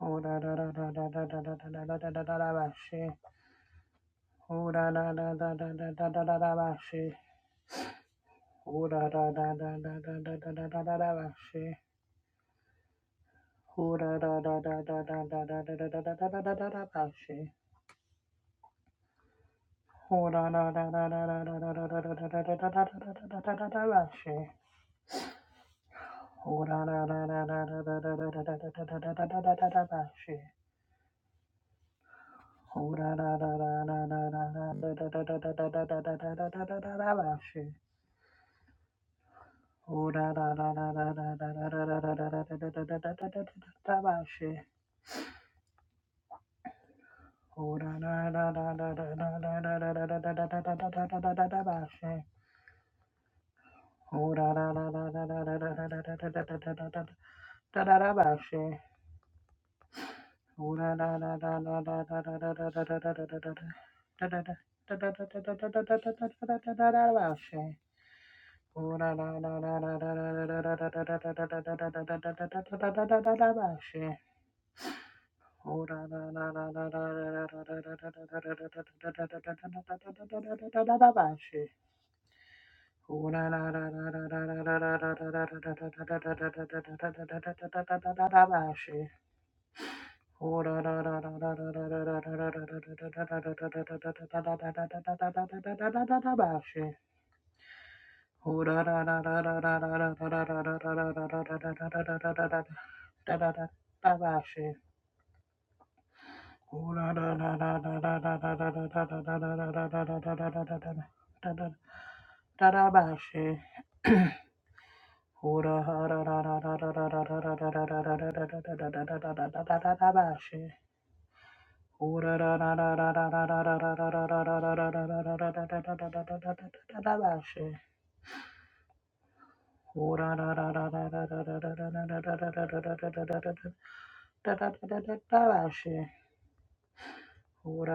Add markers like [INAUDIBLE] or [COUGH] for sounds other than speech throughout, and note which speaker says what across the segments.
Speaker 1: Oh da da da da da da da da da da da da da da ba she. Oh da da da da da da da da da da ba she. Oh da da da da da da da da da da da da ba she. Oh da da da da da da da da da da da da da da da da ba she. Oh da da da da da da da da da da da da da da da da da da da da ba she. Oh da da da da da da da da da da da da da da da da da da ba she. Oh da da da da da da da da da da da da da da da da da da da da ba she. Oh da da da da da da da da da da da da da da da da da da da bashi. Oh da da da da da da da da da da da da da da da da da da da bashi. Oh da da da da da da da da da da da da da da da da da da bashi. Oh da da da da da da da da da da da da da da da da da da bashi. Oh da da da da da da da da da da da da da da da da da da da bashi. Bashe. Ora Ora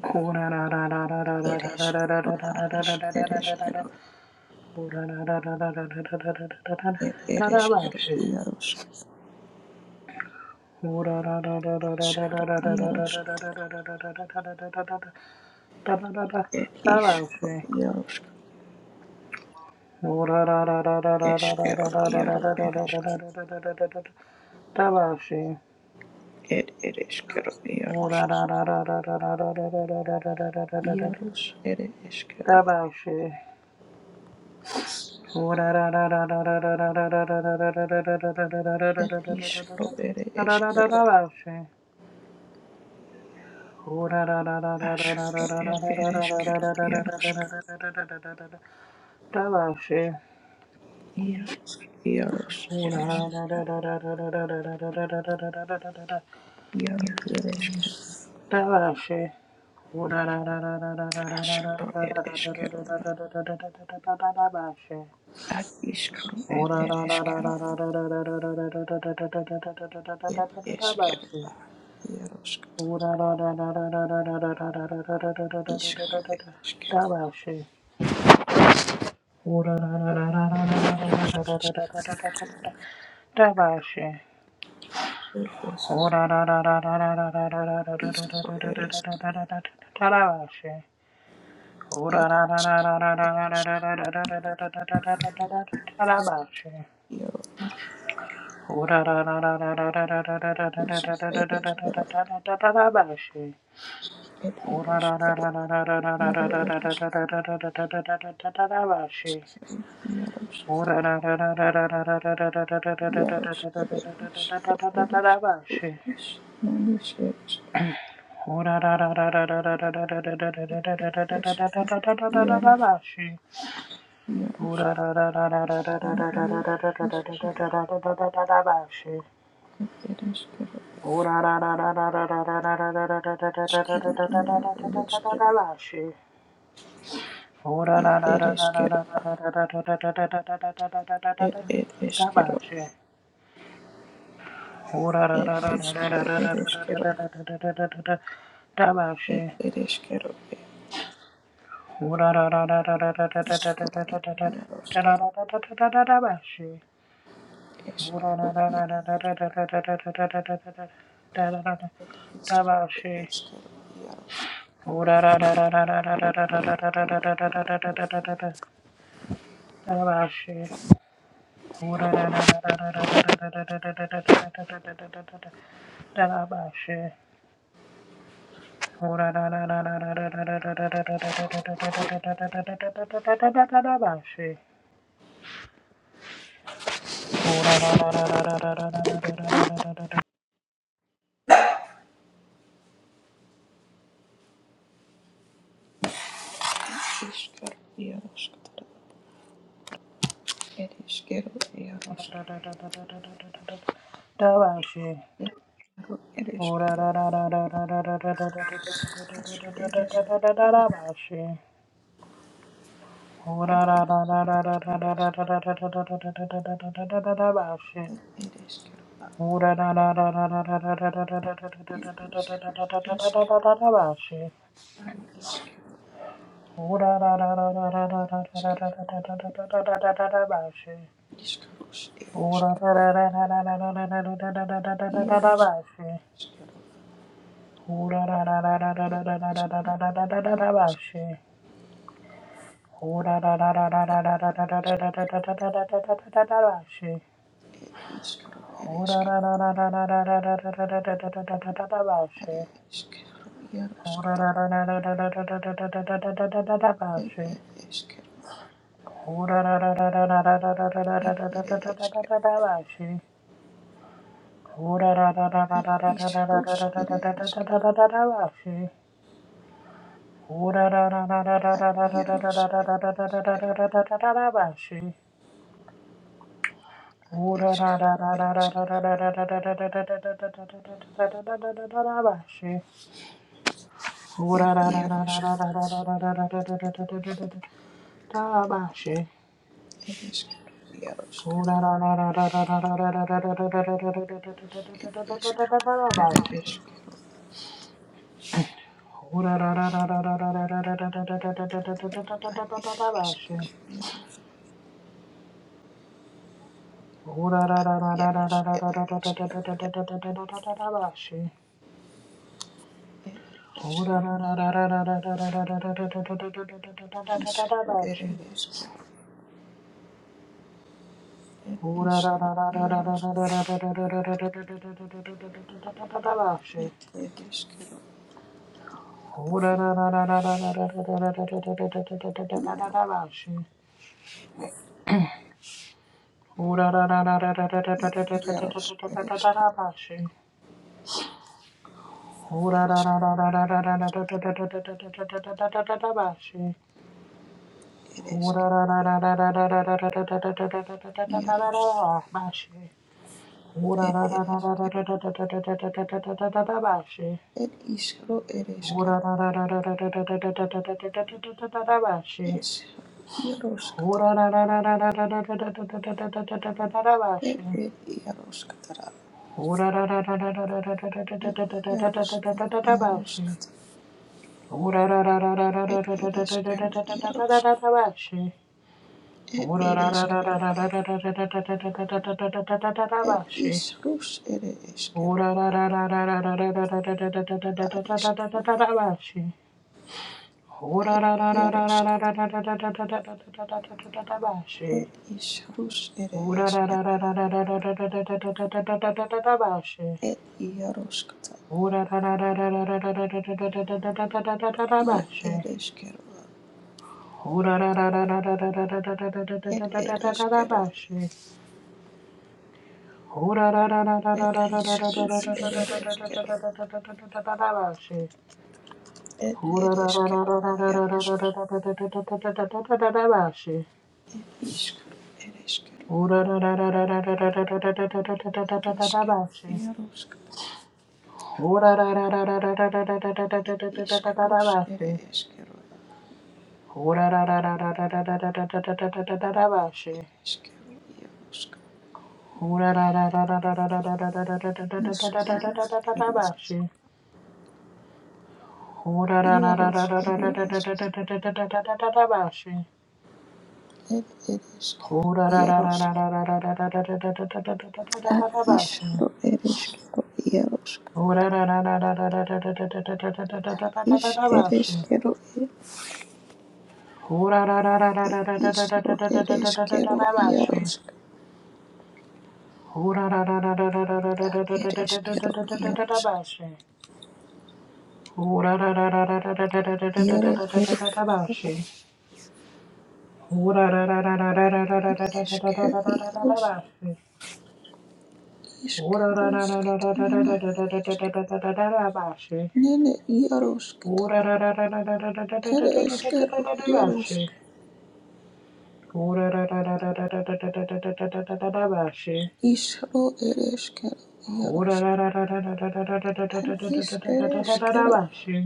Speaker 1: Tabashi. Ora Ora Oh Tabashe. Rabashe, Bashe. Tabashi. Oh, Bashi. Ho Ora, ra ra ra ra ra ra ra ra ra ra ra ra ra ra ra ra bashe. ora, ra ra ra ra ra ra ra ra ra ra ra ra ra ra bashe. ora, ra ra ra ra ra ra ra ra ra ra ra bashe. ora, ra ra ra ra ra ra ra ra ra ra bashe. ora, ra ra ra ra ra ra ra ra ra ra Bashe. Ho Ho ra ra ra ra ra ra ra ra ra ra ra ra ra ra ra ra ra ra baashe. Ho ra ra ra ra ra ra ra ra ra ra ra ra ra ra ra ra baashe. Ho ra ra ra ra ra ra ra ra ra ra ra ra ra ra ra ra ra baashe. Ho ra ra ra ra ra ra ra ra ra ra ra ra ra ra ra ra ra baashe. Ho ra ra ra ra ra ra ra ra ra ra ra ra ra ra ra baashe. Ho ra ra ra ra ra ra ra ra ra ra ra ra ra ra baashe. Ho ra ra ra ra ra ra ra ra ra ra ra ra ra ra ra ra baashe.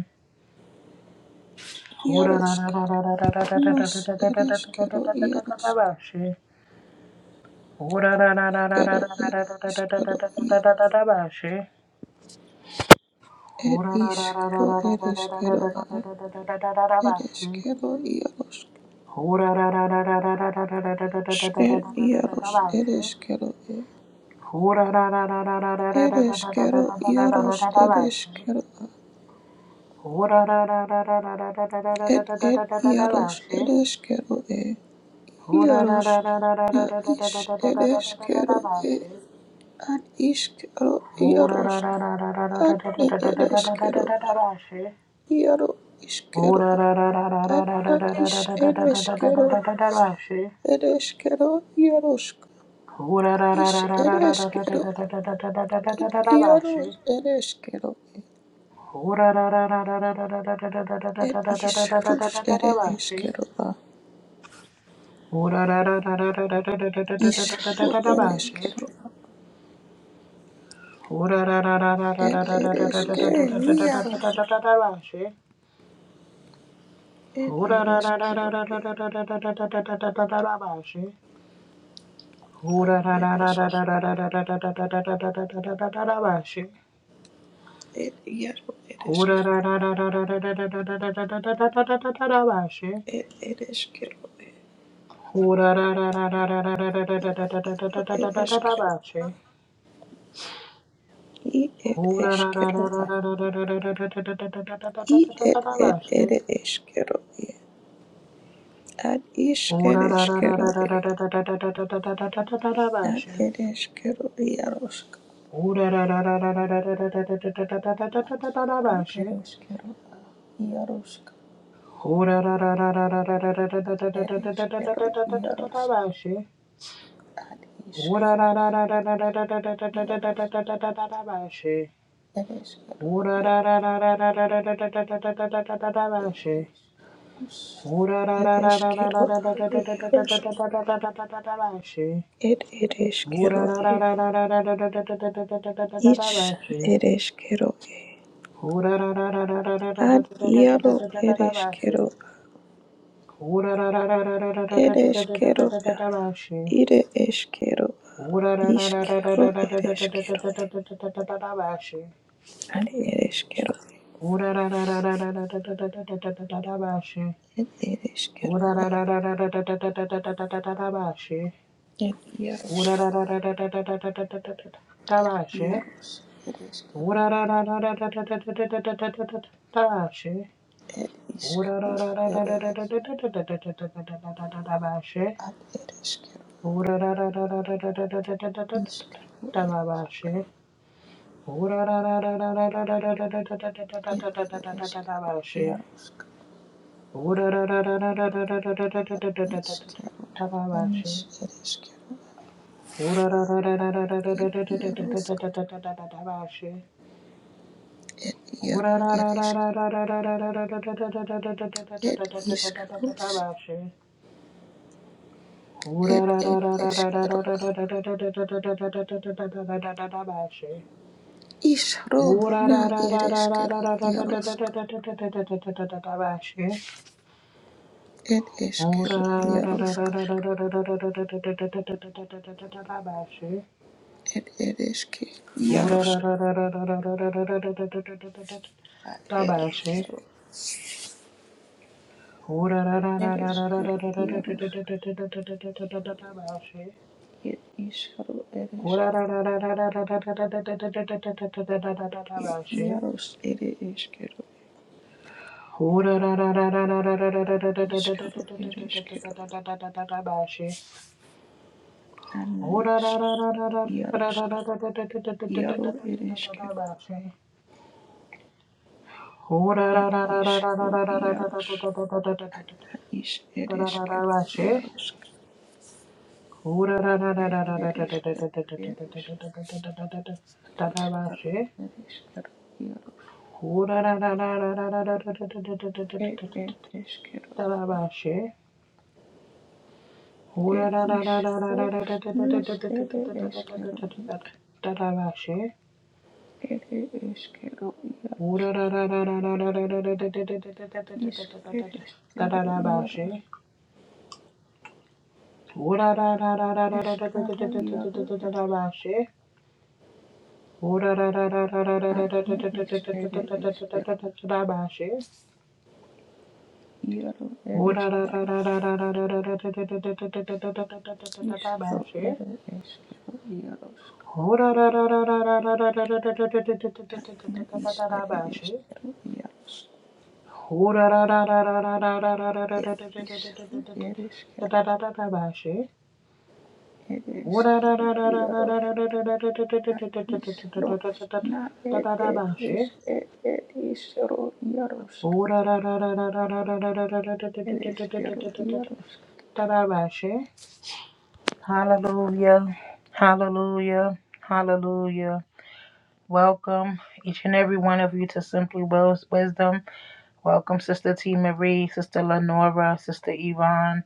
Speaker 1: Oh ra ra ra ra ra ra ra ra ra ra ra ra ra ra ra ra ra she. Oh ra ra ra ra ra ra ra ra ra ra ra ra ra ra ra ra ra ra she. Oh ra ra ra ra ra ra ra ra ra ra ra ra ra ra ra ra she. Oh ra ra ra ra ra ra ra ra ra ra ra ra she. Oh ra ra ra ra ra ra ra ra ra she. Oh ra ra ra ra ra ra ra ra ra ra she. Ho Ho Ora Tabashe, Tabashe. Ora Ho Ora Hallelujah. Hallelujah. Hallelujah. Welcome each and every one of you to Simply Wis- Wisdom. Welcome, Sister T. Marie, Sister Lenora, Sister Yvonne,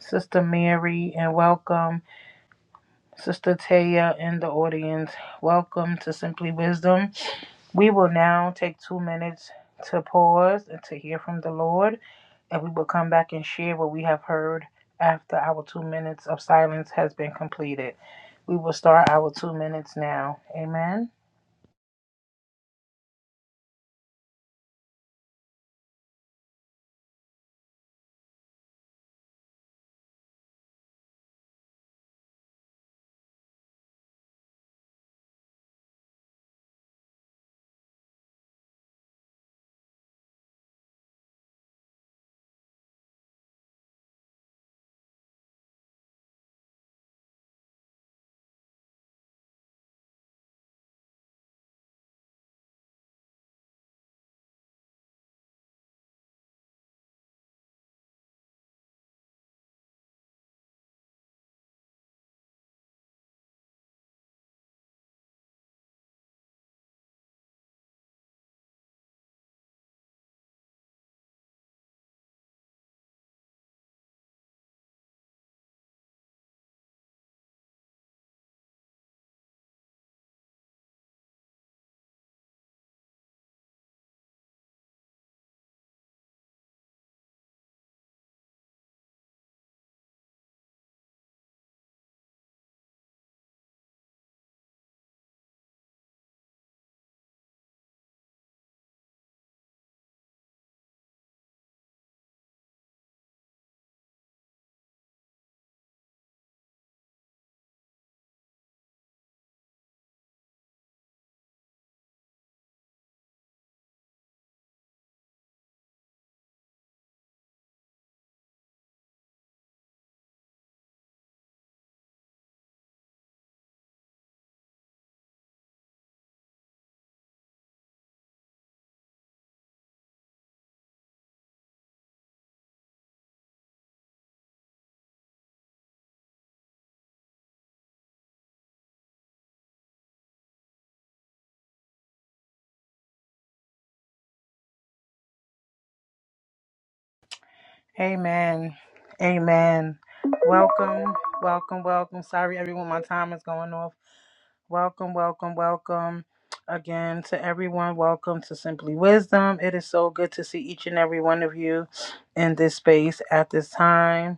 Speaker 1: Sister Mary, and welcome, Sister Taya in the audience. Welcome to Simply Wisdom. We will now take two minutes to pause and to hear from the Lord, and we will come back and share what we have heard after our two minutes of silence has been completed. We will start our two minutes now. Amen. Amen. Amen. Welcome, welcome, welcome. Sorry, everyone, my time is going off. Welcome, welcome, welcome. Again, to everyone, welcome to Simply Wisdom. It is so good to see each and every one of you in this space at this time.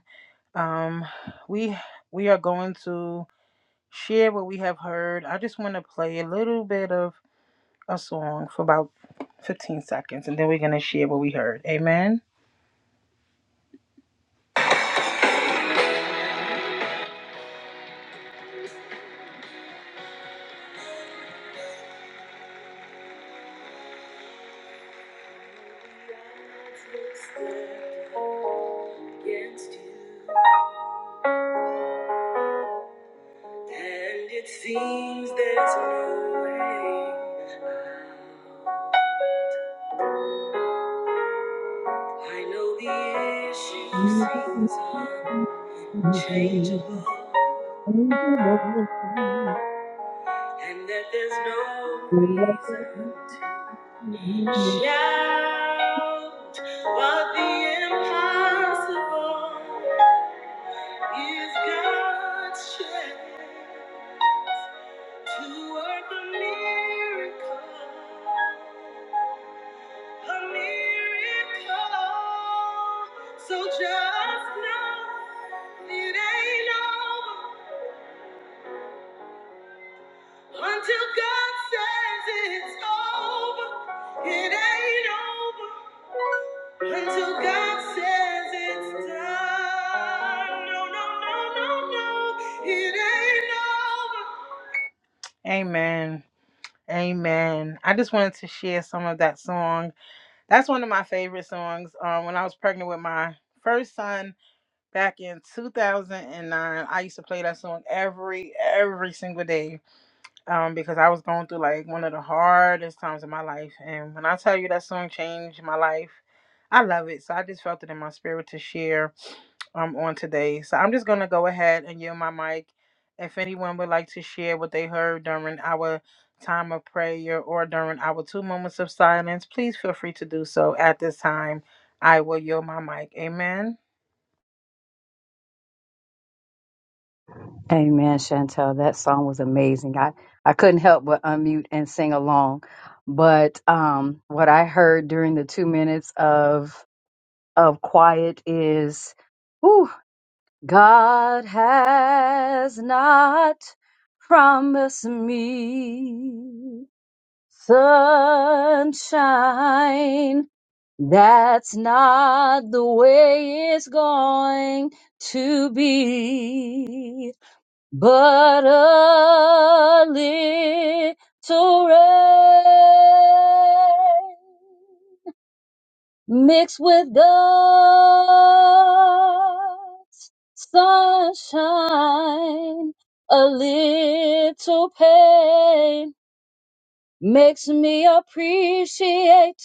Speaker 1: Um, we we are going to share what we have heard. I just want to play a little bit of a song for about 15 seconds, and then we're gonna share what we heard. Amen. It seems there's no way. I know the issue
Speaker 2: Amen,
Speaker 1: seems unchangeable, and that there's no reason to shout, but the impossible. Is God's strength to work a miracle? A miracle. So just know it ain't over until God says it's over. It ain't over until God says it's done. No, no, no, no, no. It ain't over. Amen. Amen. I just wanted to share some of that song. That's one of my favorite songs. Um, when I was pregnant with my first son back in 2009, I used to play that song every every single day um, because I was going through like one of the hardest times of my life. And when I tell you that song changed my life, I love it. So I just felt it in my spirit to share um, on today. So I'm just going to go ahead and yield my mic. If anyone would like to share what they heard during our time of prayer or during our two moments of silence, please feel free to do so at this time. I will yield my mic. Amen.
Speaker 2: Chantel. That song was amazing. I, I couldn't help but unmute and sing along. But um, what I heard during the two minutes of of quiet is, "Ooh, God has not promised me sunshine That's not the way it's going to be, but a little rain mixed with God's sunshine, a little pain makes me appreciate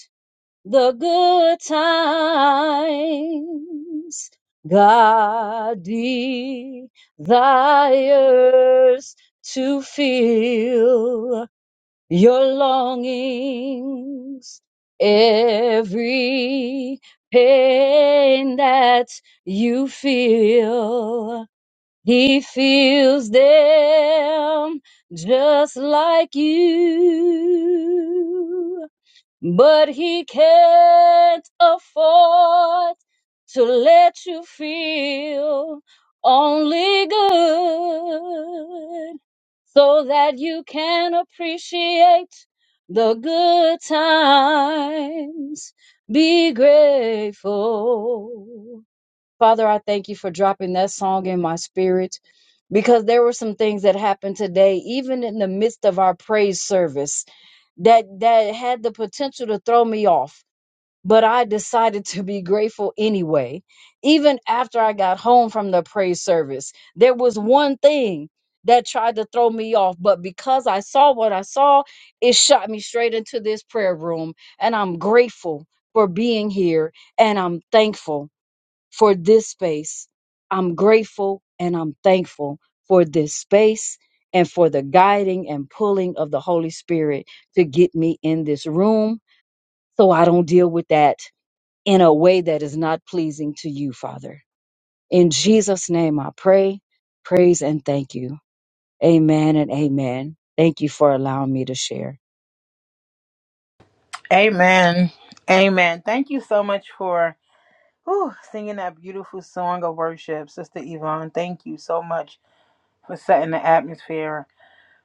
Speaker 2: the good times. God desires to fill your longings. Every pain that you feel, He feels them just like you but he can't afford to let you feel only good so that you can appreciate the good times. Be grateful. Father, I thank you for dropping that song in my spirit because there were some things that happened today, even in the midst of our praise service that that had the potential to throw me off but i decided to be grateful anyway even after i got home from the praise service there was one thing that tried to throw me off but because i saw what i saw it shot me straight into this prayer room and i'm grateful for being here and i'm thankful for this space. I'm grateful and I'm thankful for this space and for the guiding and pulling of the Holy Spirit to get me in this room so I don't deal with that in a way that is not pleasing to you, Father. In Jesus' name I pray, praise, and thank you. Amen and amen. Thank you for allowing me to share.
Speaker 1: Amen. Amen. Thank you so much for whew, singing that beautiful song of worship, Sister Yvonne. Thank you so much for setting the atmosphere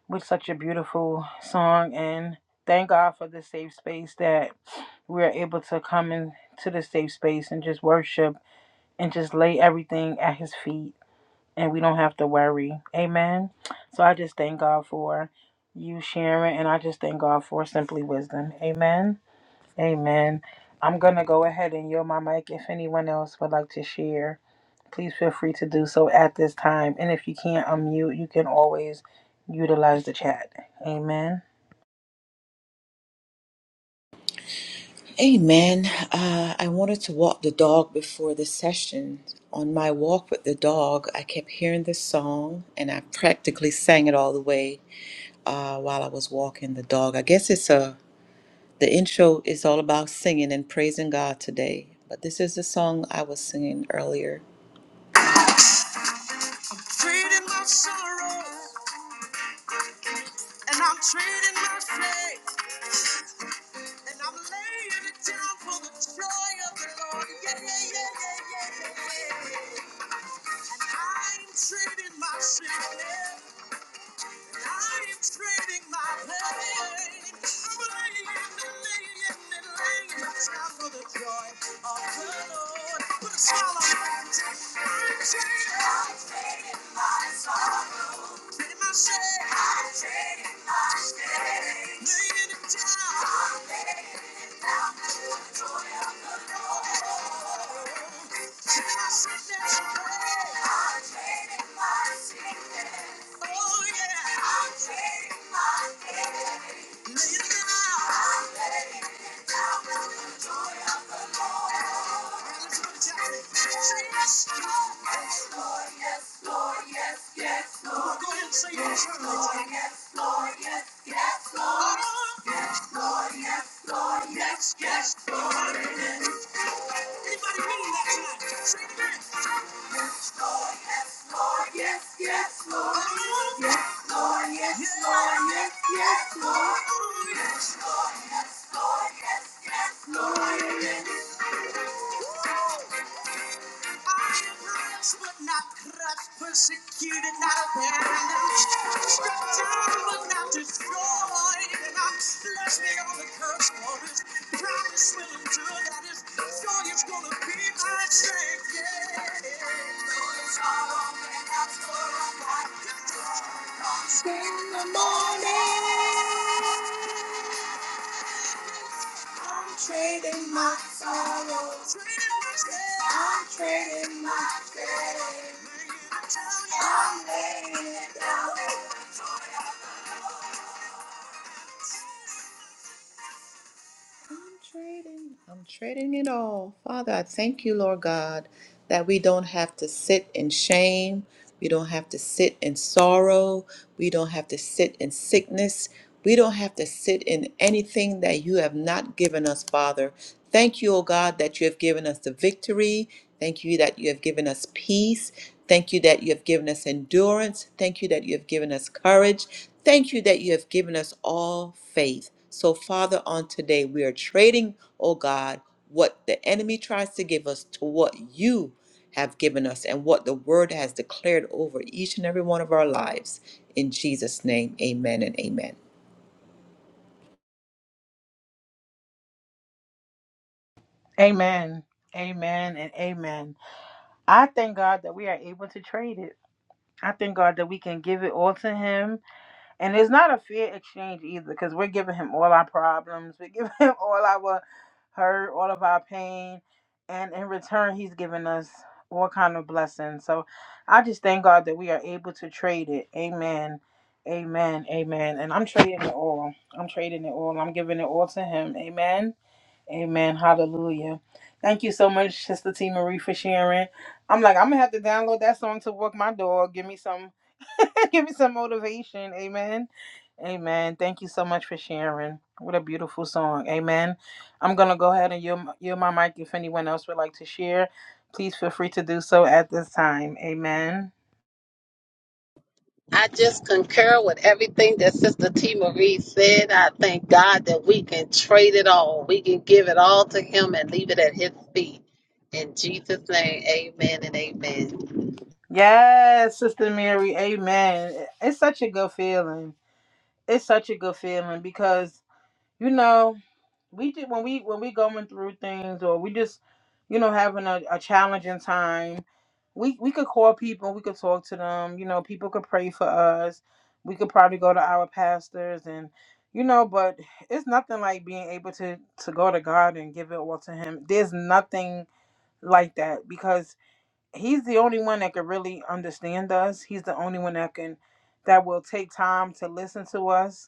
Speaker 1: with such a beautiful song and thank God for the safe space that we're able to come into the safe space and just worship and just lay everything at his feet and we don't have to worry. Amen. So I just thank God for you sharing and I just thank God for simply wisdom. Amen. Amen. I'm gonna go ahead and yield my mic if anyone else would like to share please feel free to do so at this time. And if you can't unmute, you can always utilize the chat. Amen.
Speaker 3: Trading my sorrow, and I'm trading my faith, and I'm laying it down for the joy of the Lord. Yeah, yeah, yeah, yeah, yeah, yeah. yeah. I'm trading my sickness, I'm trading my pain. I'm laying and laying and laying it down for the joy of the Lord. Put a smile on it. I'm trading. my faith. Yes, yes, Lord. Anybody mean that tonight? Say it again. Persecuted, not abandoned, struck down but not destroyed, and I'm stressing on the curse words. Promise will endure, that is, joy is gonna be my strength. Yeah. Though the sorrow may last for a while, In the morning. training myself. This, we don't have to sit in anything that you have not given us, Father. Thank you, O God, that you have given us the victory. Thank you that you have given us peace. Thank you that you have given us endurance. Thank you that you have given us courage. Thank you that you have given us all faith. So, Father, on today, we are trading, O God, what the enemy tries to give us to what you. have given us and what the Word has declared over each and every one of our lives. In Jesus' name, amen and amen.
Speaker 1: Amen. Amen and amen. I thank God that we are able to trade it. I thank God that we can give it all to Him And it's not a fair exchange either, because we're giving him all our problems, we're giving [LAUGHS] him all our hurt, all of our pain, and in return, he's giving us all kind of blessings. So I just thank God that we are able to trade it. Amen. Amen. Amen. And I'm trading it all. I'm trading it all. I'm giving it all to him. Amen. Amen. Hallelujah. Thank you so much, Sister T Marie, for sharing. I'm like, I'm gonna have to download that song to walk my dog. Give me some [LAUGHS] Give me some motivation. Amen. Amen. Thank you so much for sharing. What a beautiful song. Amen. I'm going to go ahead and yield, yield my mic if anyone else would like to share. Please feel free to do so at this time. Amen.
Speaker 4: I just concur with everything that Sister T. Marie said. I thank God that we can trade it all. We can give it all to Him and leave it at His feet. In Jesus' name, amen and amen.
Speaker 1: Yes, Sister Mary. Amen. It's such a good feeling. It's such a good feeling because, you know, we do, when we when we going through things or we just, you know, having a, a challenging time, we we could call people, we could talk to them, you know, people could pray for us. We could probably go to our pastors and you know, but it's nothing like being able to to go to God and give it all to him. There's nothing like that because he's the only one that can really understand us. He's the only one that can that will take time to listen to us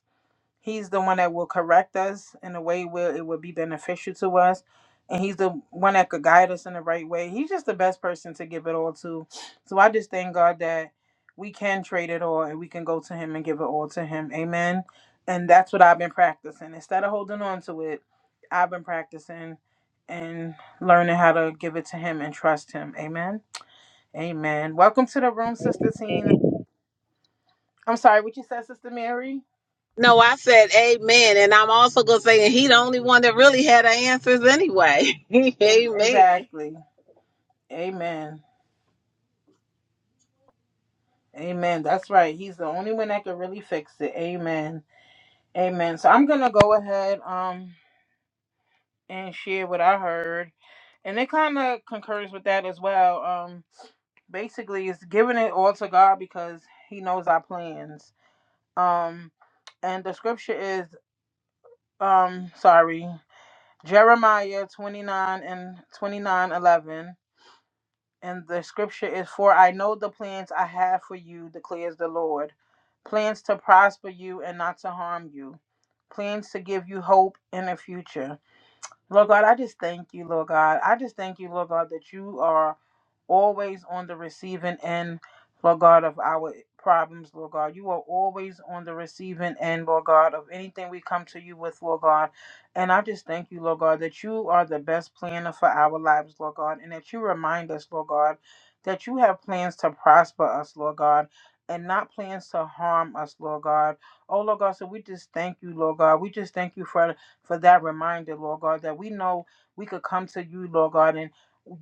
Speaker 1: He's the one that will correct us in a way where it will be beneficial to us. And he's the one that could guide us in the right way. He's just the best person to give it all to. So I just thank God that we can trade it all and we can go to him and give it all to him. Amen. And that's what I've been practicing. Instead of holding on to it, I've been practicing and learning how to give it to him and trust him. Amen. Amen. Welcome to the room, Sister Tina. I'm sorry, what you said, Sister Mary?
Speaker 4: No, I said amen. And I'm also going to say, and He the only one that really had the answers anyway. [LAUGHS]
Speaker 1: Em-
Speaker 4: amen.
Speaker 1: Exactly. Amen. Amen. That's right. He's the only one that can really fix it. Amen. Amen. So I'm gonna go ahead um and share what I heard. And it kind of concurs with that as well. Um basically it's giving it all to God because he knows our plans. Um and the scripture is um sorry, Jeremiah 29 and 29:11. And the scripture is For I know the plans I have for you, declares the Lord plans to prosper you and not to harm you, plans to give you hope in the future. Lord God, I just thank you, Lord God. I just thank you, Lord God, that you are always on the receiving end, Lord God, of our problems, Lord God. You are always on the receiving end, Lord God, of anything we come to you with, Lord God. And I just thank you, Lord God, that you are the best planner for our lives, Lord God, and that you remind us, Lord God, that you have plans to prosper us, Lord God. And not plans to harm us, Lord God. Oh, Lord God, so we just thank you, Lord God. We just thank you for for that reminder, Lord God, that we know we could come to you, Lord God, and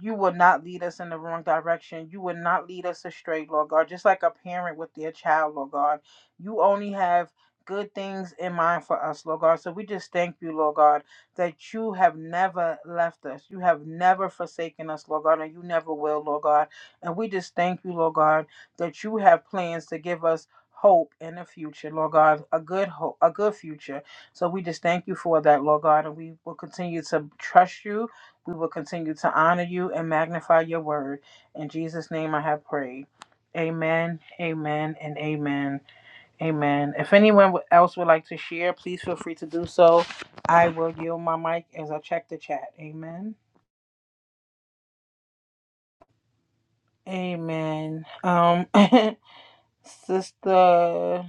Speaker 1: you will not lead us in the wrong direction. You will not lead us astray, Lord God. Just like a parent with their child, Lord God. You only have good things in mind for us, Lord God. So we just thank you, Lord God, that you have never left us. You have never forsaken us, Lord God, and you never will, Lord God. And we just thank you, Lord God, that you have plans to give us hope in the future, Lord God, a good hope, a good future. So we just thank you for that, Lord God, and we will continue to trust you we will continue to honor you and magnify your word. In Jesus' name I have prayed. Amen, amen, and amen, amen. If anyone else would like to share, please feel free to do so. I will yield my mic as I check the chat. Amen. Amen. Um, [LAUGHS] Sister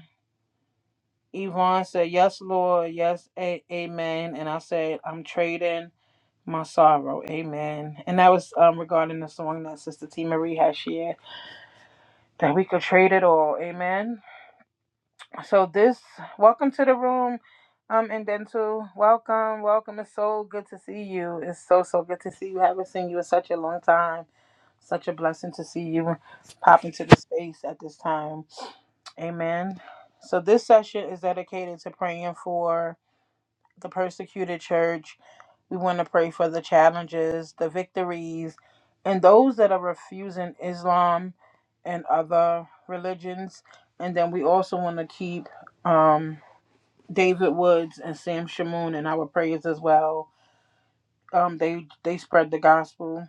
Speaker 1: Yvonne said, Yes, Lord. Yes, a- amen. And I said, I'm trading my sorrow. Amen. And that was um, regarding the song that Sister T. Marie has shared. that we could trade it all. Amen. So this welcome to the room. Um and dental. Welcome. Welcome. It's so good to see you. It's so so good to see you. haven't seen you in such a long time. Such a blessing to see you pop into the space at this time. Amen. So this session is dedicated to praying for the persecuted church. We want to pray for the challenges, the victories, and those that are refusing Islam and other religions. And then we also want to keep um, David Woods and Sam Shamoon in our prayers as well. Um, they they spread the gospel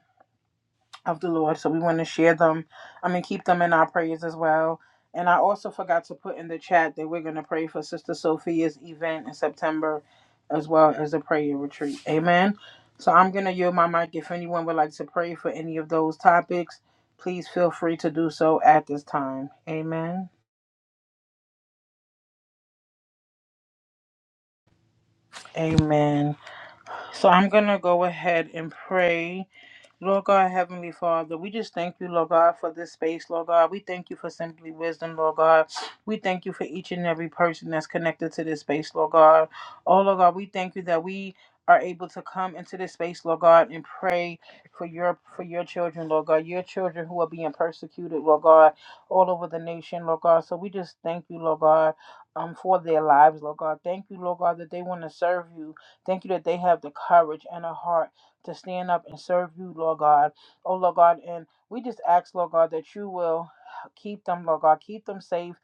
Speaker 1: of the Lord. So we want to share them. I mean, keep them in our prayers as well. And I also forgot to put in the chat that we're going to pray for Sister Sophia's event in September as well as a prayer retreat. Amen. So I'm going to yield my mic. If anyone would like to pray for any of those topics, please feel free to do so at this time. Amen. Amen. So I'm going to go ahead and pray. Lord God, Heavenly Father, we just thank you, Lord God, for this space, Lord God. We thank you for simply wisdom, Lord God. We thank you for each and every person that's connected to this space, Lord God. Oh, Lord God, we thank you that we are able to come into this space, Lord God, and pray for your for your children, Lord God, your children who are being persecuted, Lord God, all over the nation, Lord God. So we just thank you, Lord God, um, for their lives, Lord God. Thank you, Lord God, that they want to serve you. Thank you that they have the courage and a heart to stand up and serve you, Lord God. Oh, Lord God, and we just ask, Lord God, that you will keep them, Lord God, keep them safe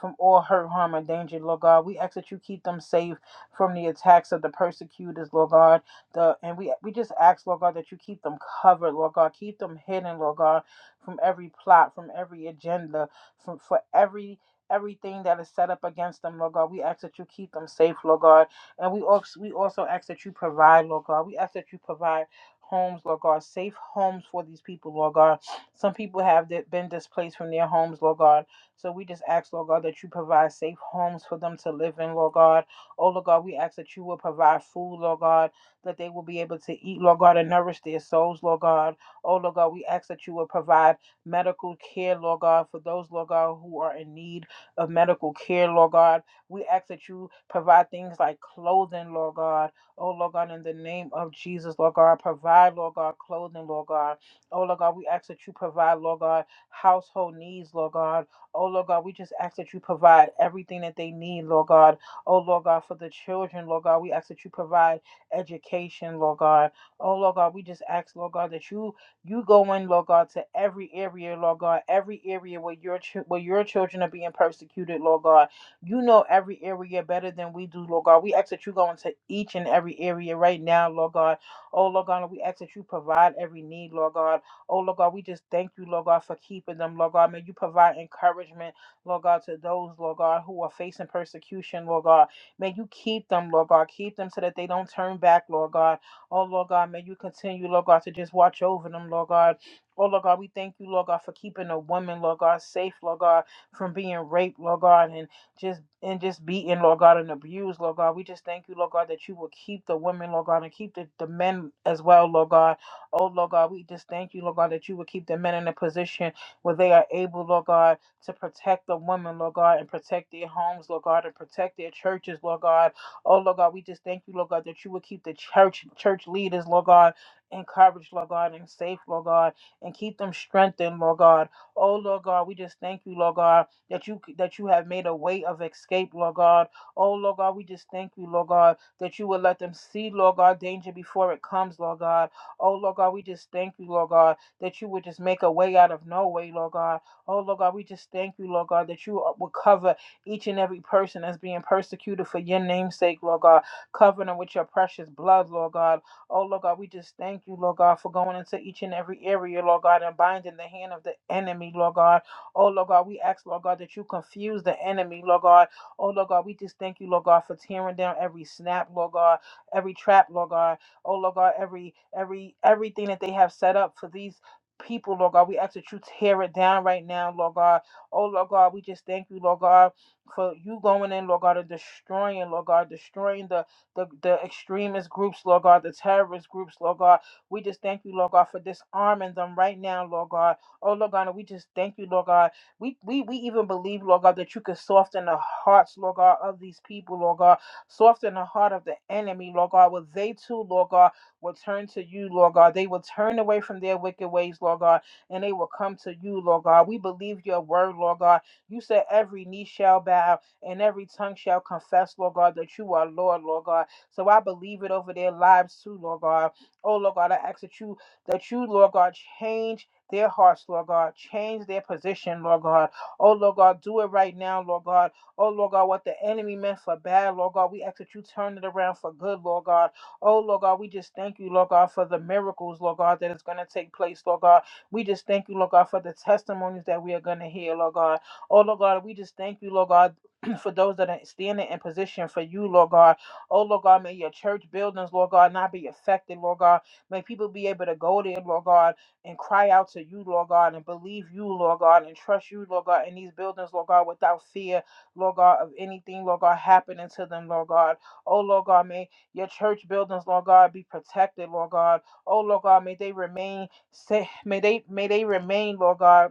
Speaker 1: from all hurt, harm, and danger, Lord God. We ask that you keep them safe from the attacks of the persecutors, Lord God. The and we we just ask, Lord God, that you keep them covered, Lord God, keep them hidden, Lord God, from every plot, from every agenda, from for every everything that is set up against them, Lord God. We ask that you keep them safe, Lord God. And we also we also ask that you provide, Lord God. We ask that you provide homes, Lord God, safe homes for these people, Lord God. Some people have di- been displaced from their homes, Lord God. So we just ask, Lord God, that you provide safe homes for them to live in, Lord God. Oh, Lord God, we ask that you will provide food, Lord God, that they will be able to eat, Lord God, and nourish their souls, Lord God. Oh, Lord God, we ask that you will provide medical care, Lord God, for those, Lord God, who are in need of medical care, Lord God. We ask that you provide things like clothing, Lord God Oh, Lord God, in the name of Jesus, Lord God, provide, Lord God, clothing, Lord God. Oh, Lord God, we ask that you provide, Lord God, household needs, Lord God. Oh, Lord God, we just ask that you provide everything that they need, Lord God. Oh, Lord God, for the children, Lord God, we ask that you provide education, Lord God. Oh, Lord God, we just ask, Lord God, that you you go in, Lord God, to every area, Lord God, every area where your ch- where your children are being persecuted, Lord God you know every area better than we do, Lord God. We ask that you go into each and every area right now, Lord God. Oh, Lord God, we ask that you provide every need, Lord God. Oh, Lord God, we just thank you, Lord God, for keeping them, Lord God. May you provide encouragement, Lord God, to those, Lord God, who are facing persecution, Lord God. May you keep them, Lord God. Keep them so that they don't turn back, Lord God. Oh, Lord God, may you continue, Lord God, to just watch over them, Lord God. Oh, Lord God, we thank you, Lord God, for keeping a woman, Lord God, safe, Lord God, from being raped, Lord God. and just and just beaten, Lord God, and abused, Lord God. We just thank you, Lord God, that you will keep the women, Lord God, and keep the, the men as well, Lord God. Oh, Lord God, we just thank you, Lord God, that you will keep the men in a position where they are able, Lord God, to protect the women, Lord God, and protect their homes, Lord God, and protect their churches, Lord God. Oh, Lord God, we just thank you, Lord God, that you will keep the church church leaders, Lord God, encouraged, Lord God, and safe, Lord God, and keep them strengthened, Lord God. Oh, Lord God, we just thank you, Lord God that you that you have made a way of escape, Lord God. Oh, Lord God, we just thank you, Lord God, that you will let them see, Lord God, danger before it comes, Lord God. Oh, Lord God, we just thank you, Lord God, that you would just make a way out of no way, Lord God. Oh, Lord God, we just thank you, Lord God, that you are- will cover each and every person that's being persecuted for your name's sake, Lord God. Cover them with your precious blood, Lord God. Oh, Lord God, we just thank you, Lord God, for going into each and every area, Lord God, and binding the hand of the enemy, Lord God. Oh, Lord God, we ask, Lord God, that you confuse the enemy, Lord God. Oh, Lord God, we just thank you, Lord God, for tearing down every snap, Lord God, every trap, Lord God. Oh, Lord God, every, every, everything that they have set up for these people, Lord God. We ask that you tear it down right now, Lord God. Oh, Lord God, we just thank you, Lord God, for you going in, Lord God, and destroying, Lord God, destroying the, the, the extremist groups, Lord God, the terrorist groups, Lord God. We just thank you, Lord God, for disarming them right now, Lord God. Oh Lord God, and we just thank you, Lord God. We we we even believe, Lord God, that you could soften the hearts, Lord God, of these people, Lord God. Soften the heart of the enemy, Lord God. Where they too, Lord God, will turn to you, Lord God. They will turn away from their wicked ways, Lord God, and they will come to you, Lord God. We believe your word, Lord God. You said every knee shall bow and every tongue shall confess, Lord God, that you are Lord, Lord God. So I believe it over their lives too, Lord God. Oh Lord God, I ask that you that you, Lord God, change their hearts, Lord God. Change their position, Lord God. Oh, Lord God, do it right now, Lord God. Oh, Lord God, what the enemy meant for bad, Lord God, we ask that you turn it around for good, Lord God. Oh, Lord God, we just thank you, Lord God, for the miracles, Lord God, that is going to take place, Lord God. We just thank you, Lord God, for the testimonies that we are going to hear, Lord God. Oh, Lord God, we just thank you, Lord God. [CLEARS THROAT] For those that are standing in position for you, Lord God. Oh, Lord God, may your church buildings, Lord God, not be affected, Lord God. May people be able to go there, Lord God and cry out to you, Lord God, and believe you, Lord God, and trust you, Lord God, in these buildings, Lord God, without fear, Lord God, of anything, Lord God, happening to them, Lord God. Oh, Lord God, may your church buildings, Lord God, be protected, Lord God. Oh, Lord God, may they remain, sa- may they, may they remain, Lord God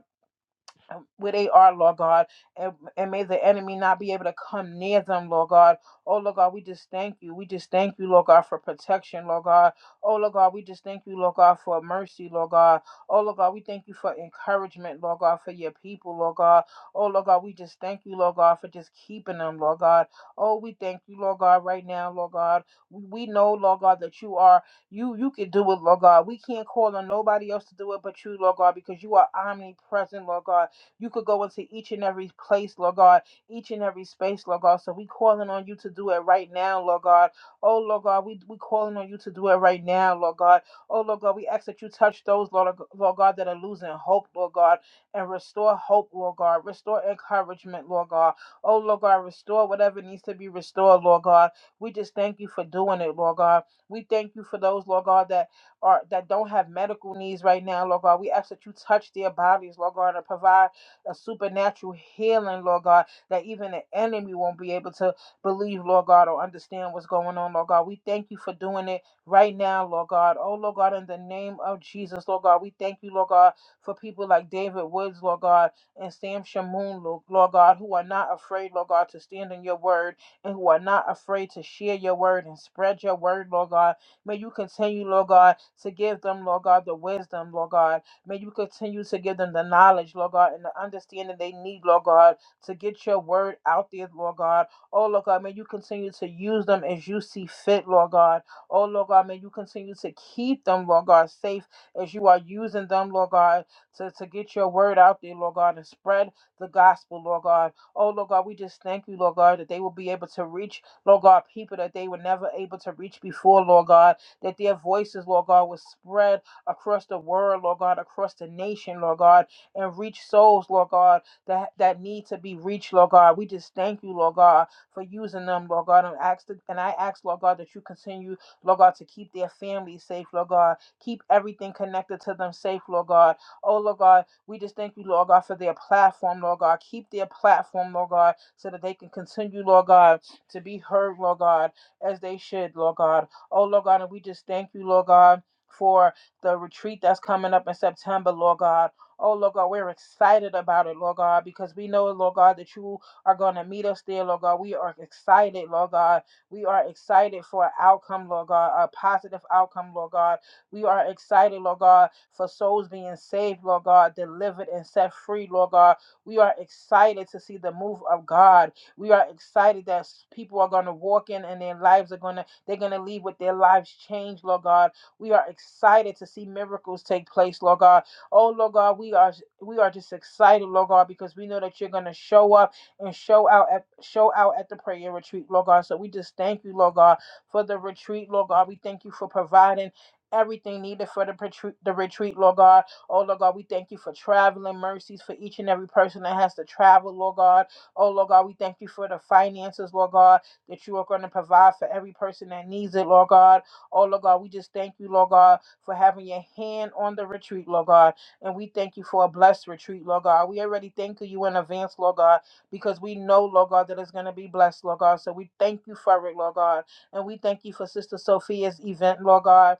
Speaker 1: um, where they are, Lord God, and, and may the enemy not be able to come near them, Lord God. Oh, Lord God, we just thank you. We just thank you, Lord God, for protection, Lord God. Oh, Lord God, we just thank you, Lord God, for mercy, Lord God. Oh, Lord God, we thank you for encouragement, Lord God, for your people, Lord God. Oh, Lord God, we just thank you, Lord God, for just keeping them, Lord God. Oh, we thank you, Lord God, right now, Lord God. We, we know, Lord God, that you are you you can do it, Lord God. We can't call on nobody else to do it but you, Lord God, because you are omnipresent, Lord God. You could go into each and every place, Lord God, each and every space, Lord God. So we calling on you to do it right now, Lord God. Oh, Lord God, we, we calling on you to do it right now, Lord God. Oh, Lord God, we ask that you touch those, Lord, Lord God, that are losing hope, Lord God, and restore hope, Lord God. Restore encouragement, Lord God. Oh, Lord God, restore whatever needs to be restored, Lord God. We just thank you for doing it, Lord God. We thank you for those, Lord God, that are that don't have medical needs right now, Lord God. We ask that you touch their bodies, Lord God, and provide a supernatural healing, Lord God, that even the enemy won't be able to believe, Lord God, or understand what's going on, Lord God. We thank you for doing it right now, Lord God. Oh, Lord God, in the name of Jesus, Lord God, we thank you, Lord God, for people like David Woods, Lord God, and Sam Shamoon, Lord Lord God, who are not afraid, Lord God, to stand in your word and who are not afraid to share your word and spread your word, Lord God. May you continue, Lord God, to give them, Lord God, the wisdom, Lord God May you continue to give them the knowledge, Lord God, and the understanding they need, Lord God, to get your word out there, Lord God. Oh, Lord God, may you continue to use them as you see fit, Lord God. Oh, Lord God, may you continue to keep them, Lord God, safe as you are using them, Lord God, to, to get your word out there, Lord God, and spread the gospel, Lord God. Oh, Lord God, we just thank you, Lord God, that they will be able to reach, Lord God, people that they were never able to reach before, Lord God, that their voices, Lord God, will spread across the world, Lord God, across the nation, Lord God, and reach souls, Lord God, that, that need to be reached, Lord God. We just thank you, Lord God, for using them, Lord God. And, ask that- and I ask, Lord God, that you continue, Lord God, to keep their families safe, Lord God. Keep everything connected to them safe, Lord God. Oh, Lord God, we just thank you, Lord God, for their platform, Lord God. Keep their platform, Lord God, so that they can continue, Lord God, to be heard, Lord God, as they should, Lord God. Oh, Lord God, and we just thank you, Lord God. For the retreat that's coming up in September, Lord God. Oh, Lord God, we're excited about it, Lord God, because we know, Lord God, that you are going to meet us there, Lord God. We are excited, Lord God. We are excited for an outcome, Lord God, a positive outcome, Lord God. We are excited, Lord God, for souls being saved, Lord God, delivered and set free, Lord God. We are excited to see the move of God. We are excited that s- people are going to walk in and their lives are going to, they're going to leave with their lives changed, Lord God. We are excited to see miracles take place, Lord God. Oh, Lord God, we are we are just excited, Lord God, because we know that you're going to show up and show out at show out at the prayer retreat, Lord God. So we just thank you, Lord God, for the retreat, Lord God. We thank you for providing everything needed for the retreat, the retreat, Lord God. Oh, Lord God, we thank you for traveling mercies for each and every person that has to travel, Lord God. Oh, Lord God, we thank you for the finances, Lord God, that you are going to provide for every person that needs it, Lord God. Oh, Lord God, we just thank you, Lord God, for having your hand on the retreat, Lord God. And we thank you for a blessed retreat, Lord God. We already thank you in advance, Lord God, because we know, Lord God, that it's going to be blessed, Lord God. So we thank you for it, Lord God. And we thank you for Sister Sophia's event, Lord God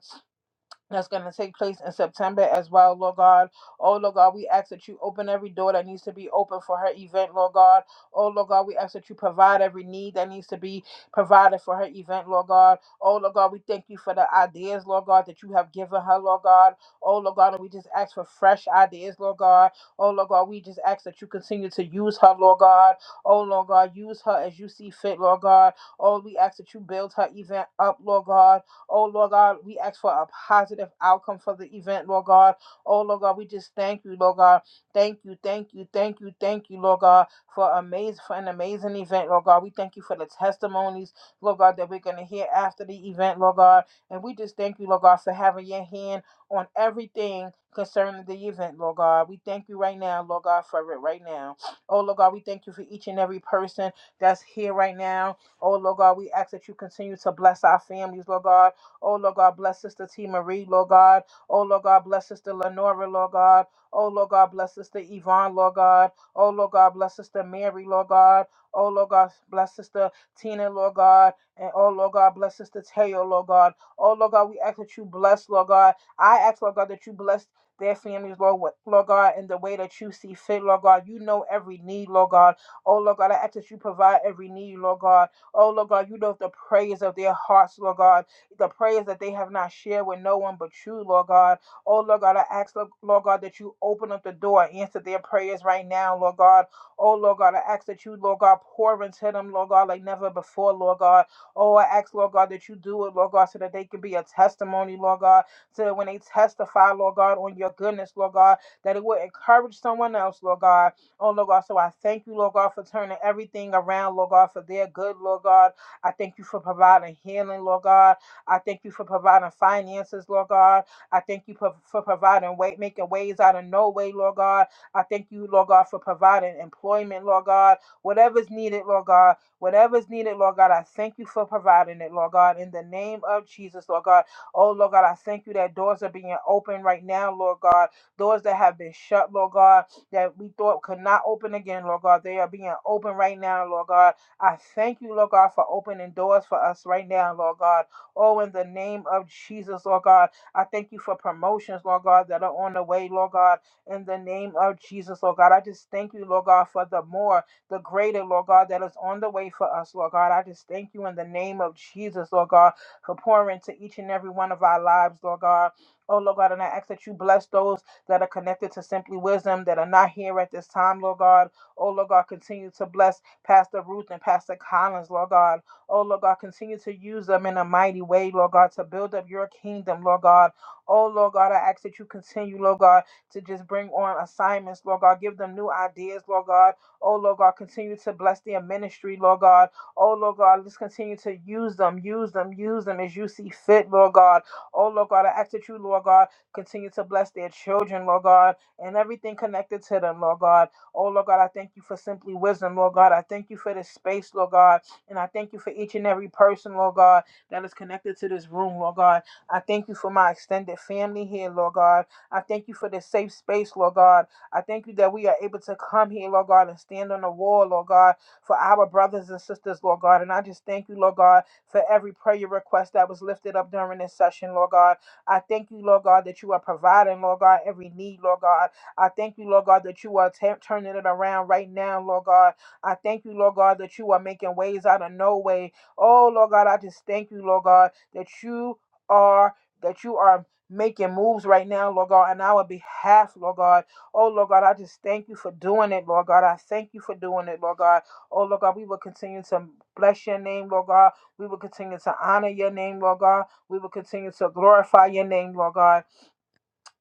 Speaker 1: that's going to take place in September as well, Lord God. Oh, Lord God, we ask that you open every door that needs to be open for her event, Lord God. Oh, Lord God, we ask that you provide every need that needs to be provided for her event, Lord God. Oh, Lord God, we thank you for the ideas, Lord God, that you have given her, Lord God. Oh, Lord God, and we just ask for fresh ideas, Lord God. Oh, Lord God, we just ask that you continue to use her, Lord God. Oh, Lord God, use her as you see fit, Lord God. Oh, we ask that you build her event up, Lord God. Oh, Lord God, we ask for a positive outcome for the event, Lord God. Oh, Lord God, we just thank you, Lord God. Thank you, thank you, thank you, thank you, Lord God, for amazing for an amazing event, Lord God. We thank you for the testimonies, Lord God, that we're gonna hear after the event, Lord God. And we just thank you, Lord God, for having your hand on everything concerning the event, Lord God. We thank you right now, Lord God, for it right now. Oh, Lord God, we thank you for each and every person that's here right now. Oh, Lord God, we ask that you continue to bless our families, Lord God. Oh, Lord God, bless Sister T. Marie, Lord God. Oh, Lord God, bless Sister Lenora, Lord God. Oh, Lord God, bless Sister Yvonne, Lord God. Oh, Lord God, bless Sister Mary, Lord God. Oh, Lord God, bless Sister Tina, Lord God. And oh, Lord God, bless Sister Teo, Lord God. Oh, Lord God, we ask that you bless, Lord God. I ask, Lord God, that you bless their families, Lord, what- Lord God, in the way that you see fit, Lord God. You know every need, Lord God. Oh, Lord God, I ask that you provide every need, Lord God. Oh, Lord God, you know the prayers of their hearts, Lord God the prayers that they have not shared with no one but you, Lord God. Oh, Lord God, I ask, Lord God, that you open up the door and answer their prayers right now, Lord God. Oh, Lord God, I ask that you, Lord God, pour into them, Lord God, like never before, Lord God. Oh, I ask, Lord God, that you do it, Lord God, so that they can be a testimony, Lord God, so that when they testify, Lord God, on your goodness, Lord God, that it will encourage someone else, Lord God. Oh, Lord God, so I thank you, Lord God, for turning everything around, Lord God, for their good, Lord God. I thank you for providing healing, Lord God. I thank you for providing finances, Lord God. I thank you for, for providing way, making ways out of no way, Lord God. I thank you, Lord God, for providing employment, Lord God. Whatever's needed, Lord God. Whatever's needed, Lord God. I thank you for providing it, Lord God. In the name of Jesus, Lord God. Oh, Lord God, I thank you that doors are being opened right now, Lord God. Doors that have been shut, Lord God, that we thought could not open again, Lord God. They are being opened right now, Lord God. I thank you, Lord God, for opening doors for us right now, Lord God. Oh, in the name of Jesus, Lord God, I thank you for promotions, Lord God, that are on the way, Lord God, in the name of Jesus, Lord God. I just thank you, Lord God, for the more, the greater, Lord God, that is on the way for us, Lord God. I just thank you in the name of Jesus, Lord God, for pouring to each and every one of our lives, Lord God. Oh, Lord God, and I ask that you bless those that are connected to Simply Wisdom that are not here at this time, Lord God. Oh, Lord God, continue to bless Pastor Ruth and Pastor Collins, Lord God. Oh, Lord God, continue to use them in a mighty way, Lord God, to build up your kingdom, Lord God. Oh, Lord God, I ask that you continue, Lord God, to just bring on assignments, Lord God. Give them new ideas, Lord God. Oh, Lord God, continue to bless their ministry, Lord God. Oh, Lord God, let's continue to use them, use them, use them as you see fit, Lord God. Oh, Lord God, I ask that you, Lord God, continue to bless their children, Lord God, and everything connected to them, Lord God. Oh, Lord God, I thank you for simply wisdom, Lord God. I thank you for this space, Lord God. And I thank you for each and every person, Lord God, that is connected to this room, Lord God. I thank you for my extended family here, Lord God. I thank you for this safe space, Lord God. I thank you that we are able to come here, Lord God, and stand on the wall, Lord God, for our brothers and sisters, Lord God. And I just thank you, Lord God, for every prayer request that was lifted up during this session, Lord God. I thank you, Lord God, that you are providing, Lord God, every need, Lord God. I thank you, Lord God, that you are ta- turning it around right now, Lord God. I thank you, Lord God, that you are making ways out of no way. Oh, Lord God, I just thank you, Lord God, that you are that you are making moves right now, Lord God, on our behalf, Lord God. Oh, Lord God, I just thank you for doing it, Lord God. I thank you for doing it, Lord God. Oh, Lord God, we will continue to bless your name, Lord God. We will continue to honor your name, Lord God. We will continue to glorify your name, Lord God.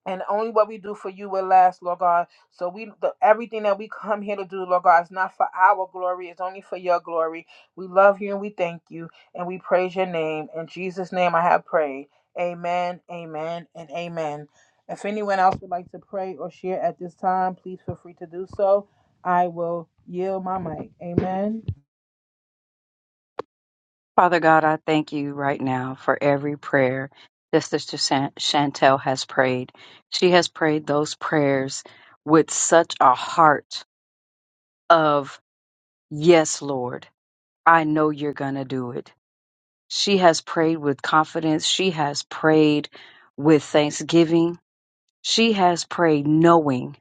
Speaker 1: And only what we do for you will last, Lord God. So we the, everything that we come here to do, Lord God, is not for our glory. It's only for your glory. We love you and we thank you and we praise your name. In Jesus' name I have prayed. Amen, amen, and amen. If anyone else would like to pray or share at this time, please feel free to do so. I will yield my mic. Amen.
Speaker 2: Father God, I thank you right now for every prayer that Sister Shan- Chantel has prayed. She has prayed those prayers with such a heart of, Yes, Lord, I know you're going to do it. She has prayed with confidence. She has prayed with thanksgiving. She has prayed knowing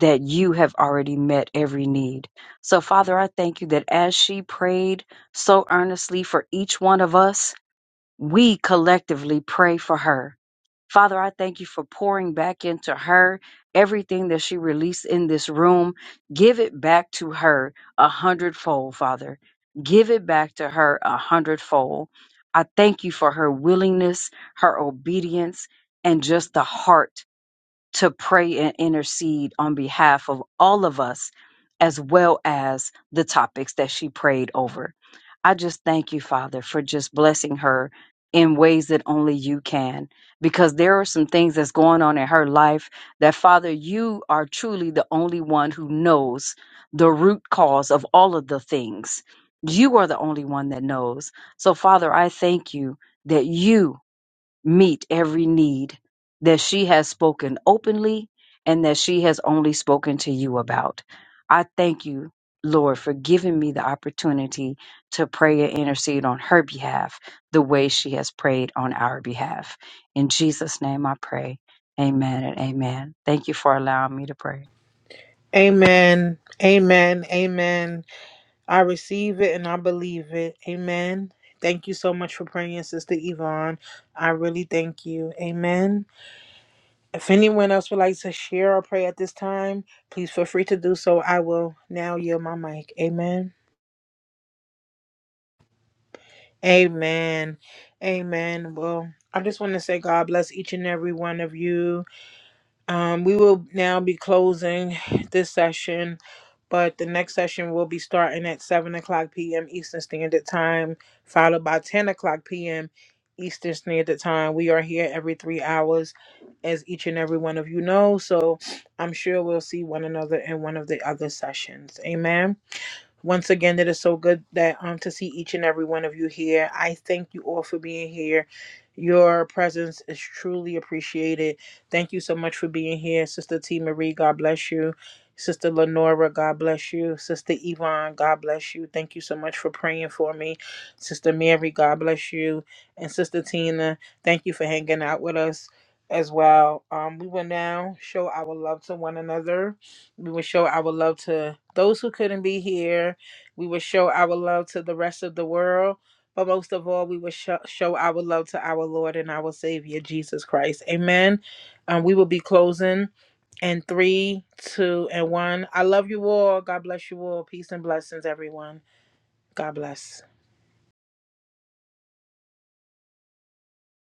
Speaker 2: that you have already met every need. So, Father, I thank you that as she prayed so earnestly for each one of us, we collectively pray for her. Father, I thank you for pouring back into her everything that she released in this room. Give it back to her a hundredfold, Father. Give it back to her a hundredfold. I thank you for her willingness, her obedience, and just the heart to pray and intercede on behalf of all of us, as well as the topics that she prayed over. I just thank you, Father, for just blessing her in ways that only you can, because there are some things that's going on in her life that, Father, you are truly the only one who knows the root cause of all of the things. You are the only one that knows. So, Father, I thank you that you meet every need that she has spoken openly and that she has only spoken to you about. I thank you, Lord, for giving me the opportunity to pray and intercede on her behalf the way she has prayed on our behalf. In Jesus' name I pray. Amen and amen. Thank you for allowing me to pray.
Speaker 1: Amen. Amen. Amen. I receive it and I believe it. Amen. Thank you so much for praying, Sister Yvonne. I really thank you. Amen. If anyone else would like to share or pray at this time, please feel free to do so. I will now yield my mic. Amen. Amen. Amen. Well, I just want to say God bless each and every one of you. Um, we will now be closing this session. But the next session will be starting at 7 o'clock p.m. Eastern Standard Time, followed by 10 o'clock p.m. Eastern Standard Time. We are here every three hours, as each and every one of you know. So I'm sure we'll see one another in one of the other sessions. Amen. Once again, it is so good that um to see each and every one of you here. I thank you all for being here. Your presence is truly appreciated. Thank you so much for being here, Sister T Marie. God bless you. Sister Lenora, God bless you. Sister Yvonne, God bless you. Thank you so much for praying for me. Sister Mary, God bless you. And Sister Tina, thank you for hanging out with us as well. Um, we will now show our love to one another we will show our love to those who couldn't be here. We will show our love to the rest of the world. But most of all, we will show, show our love to our Lord and our Savior, Jesus Christ. Amen. Um, we will be closing in three, two, and one. I love you all. God bless you all. Peace and blessings, everyone. God bless.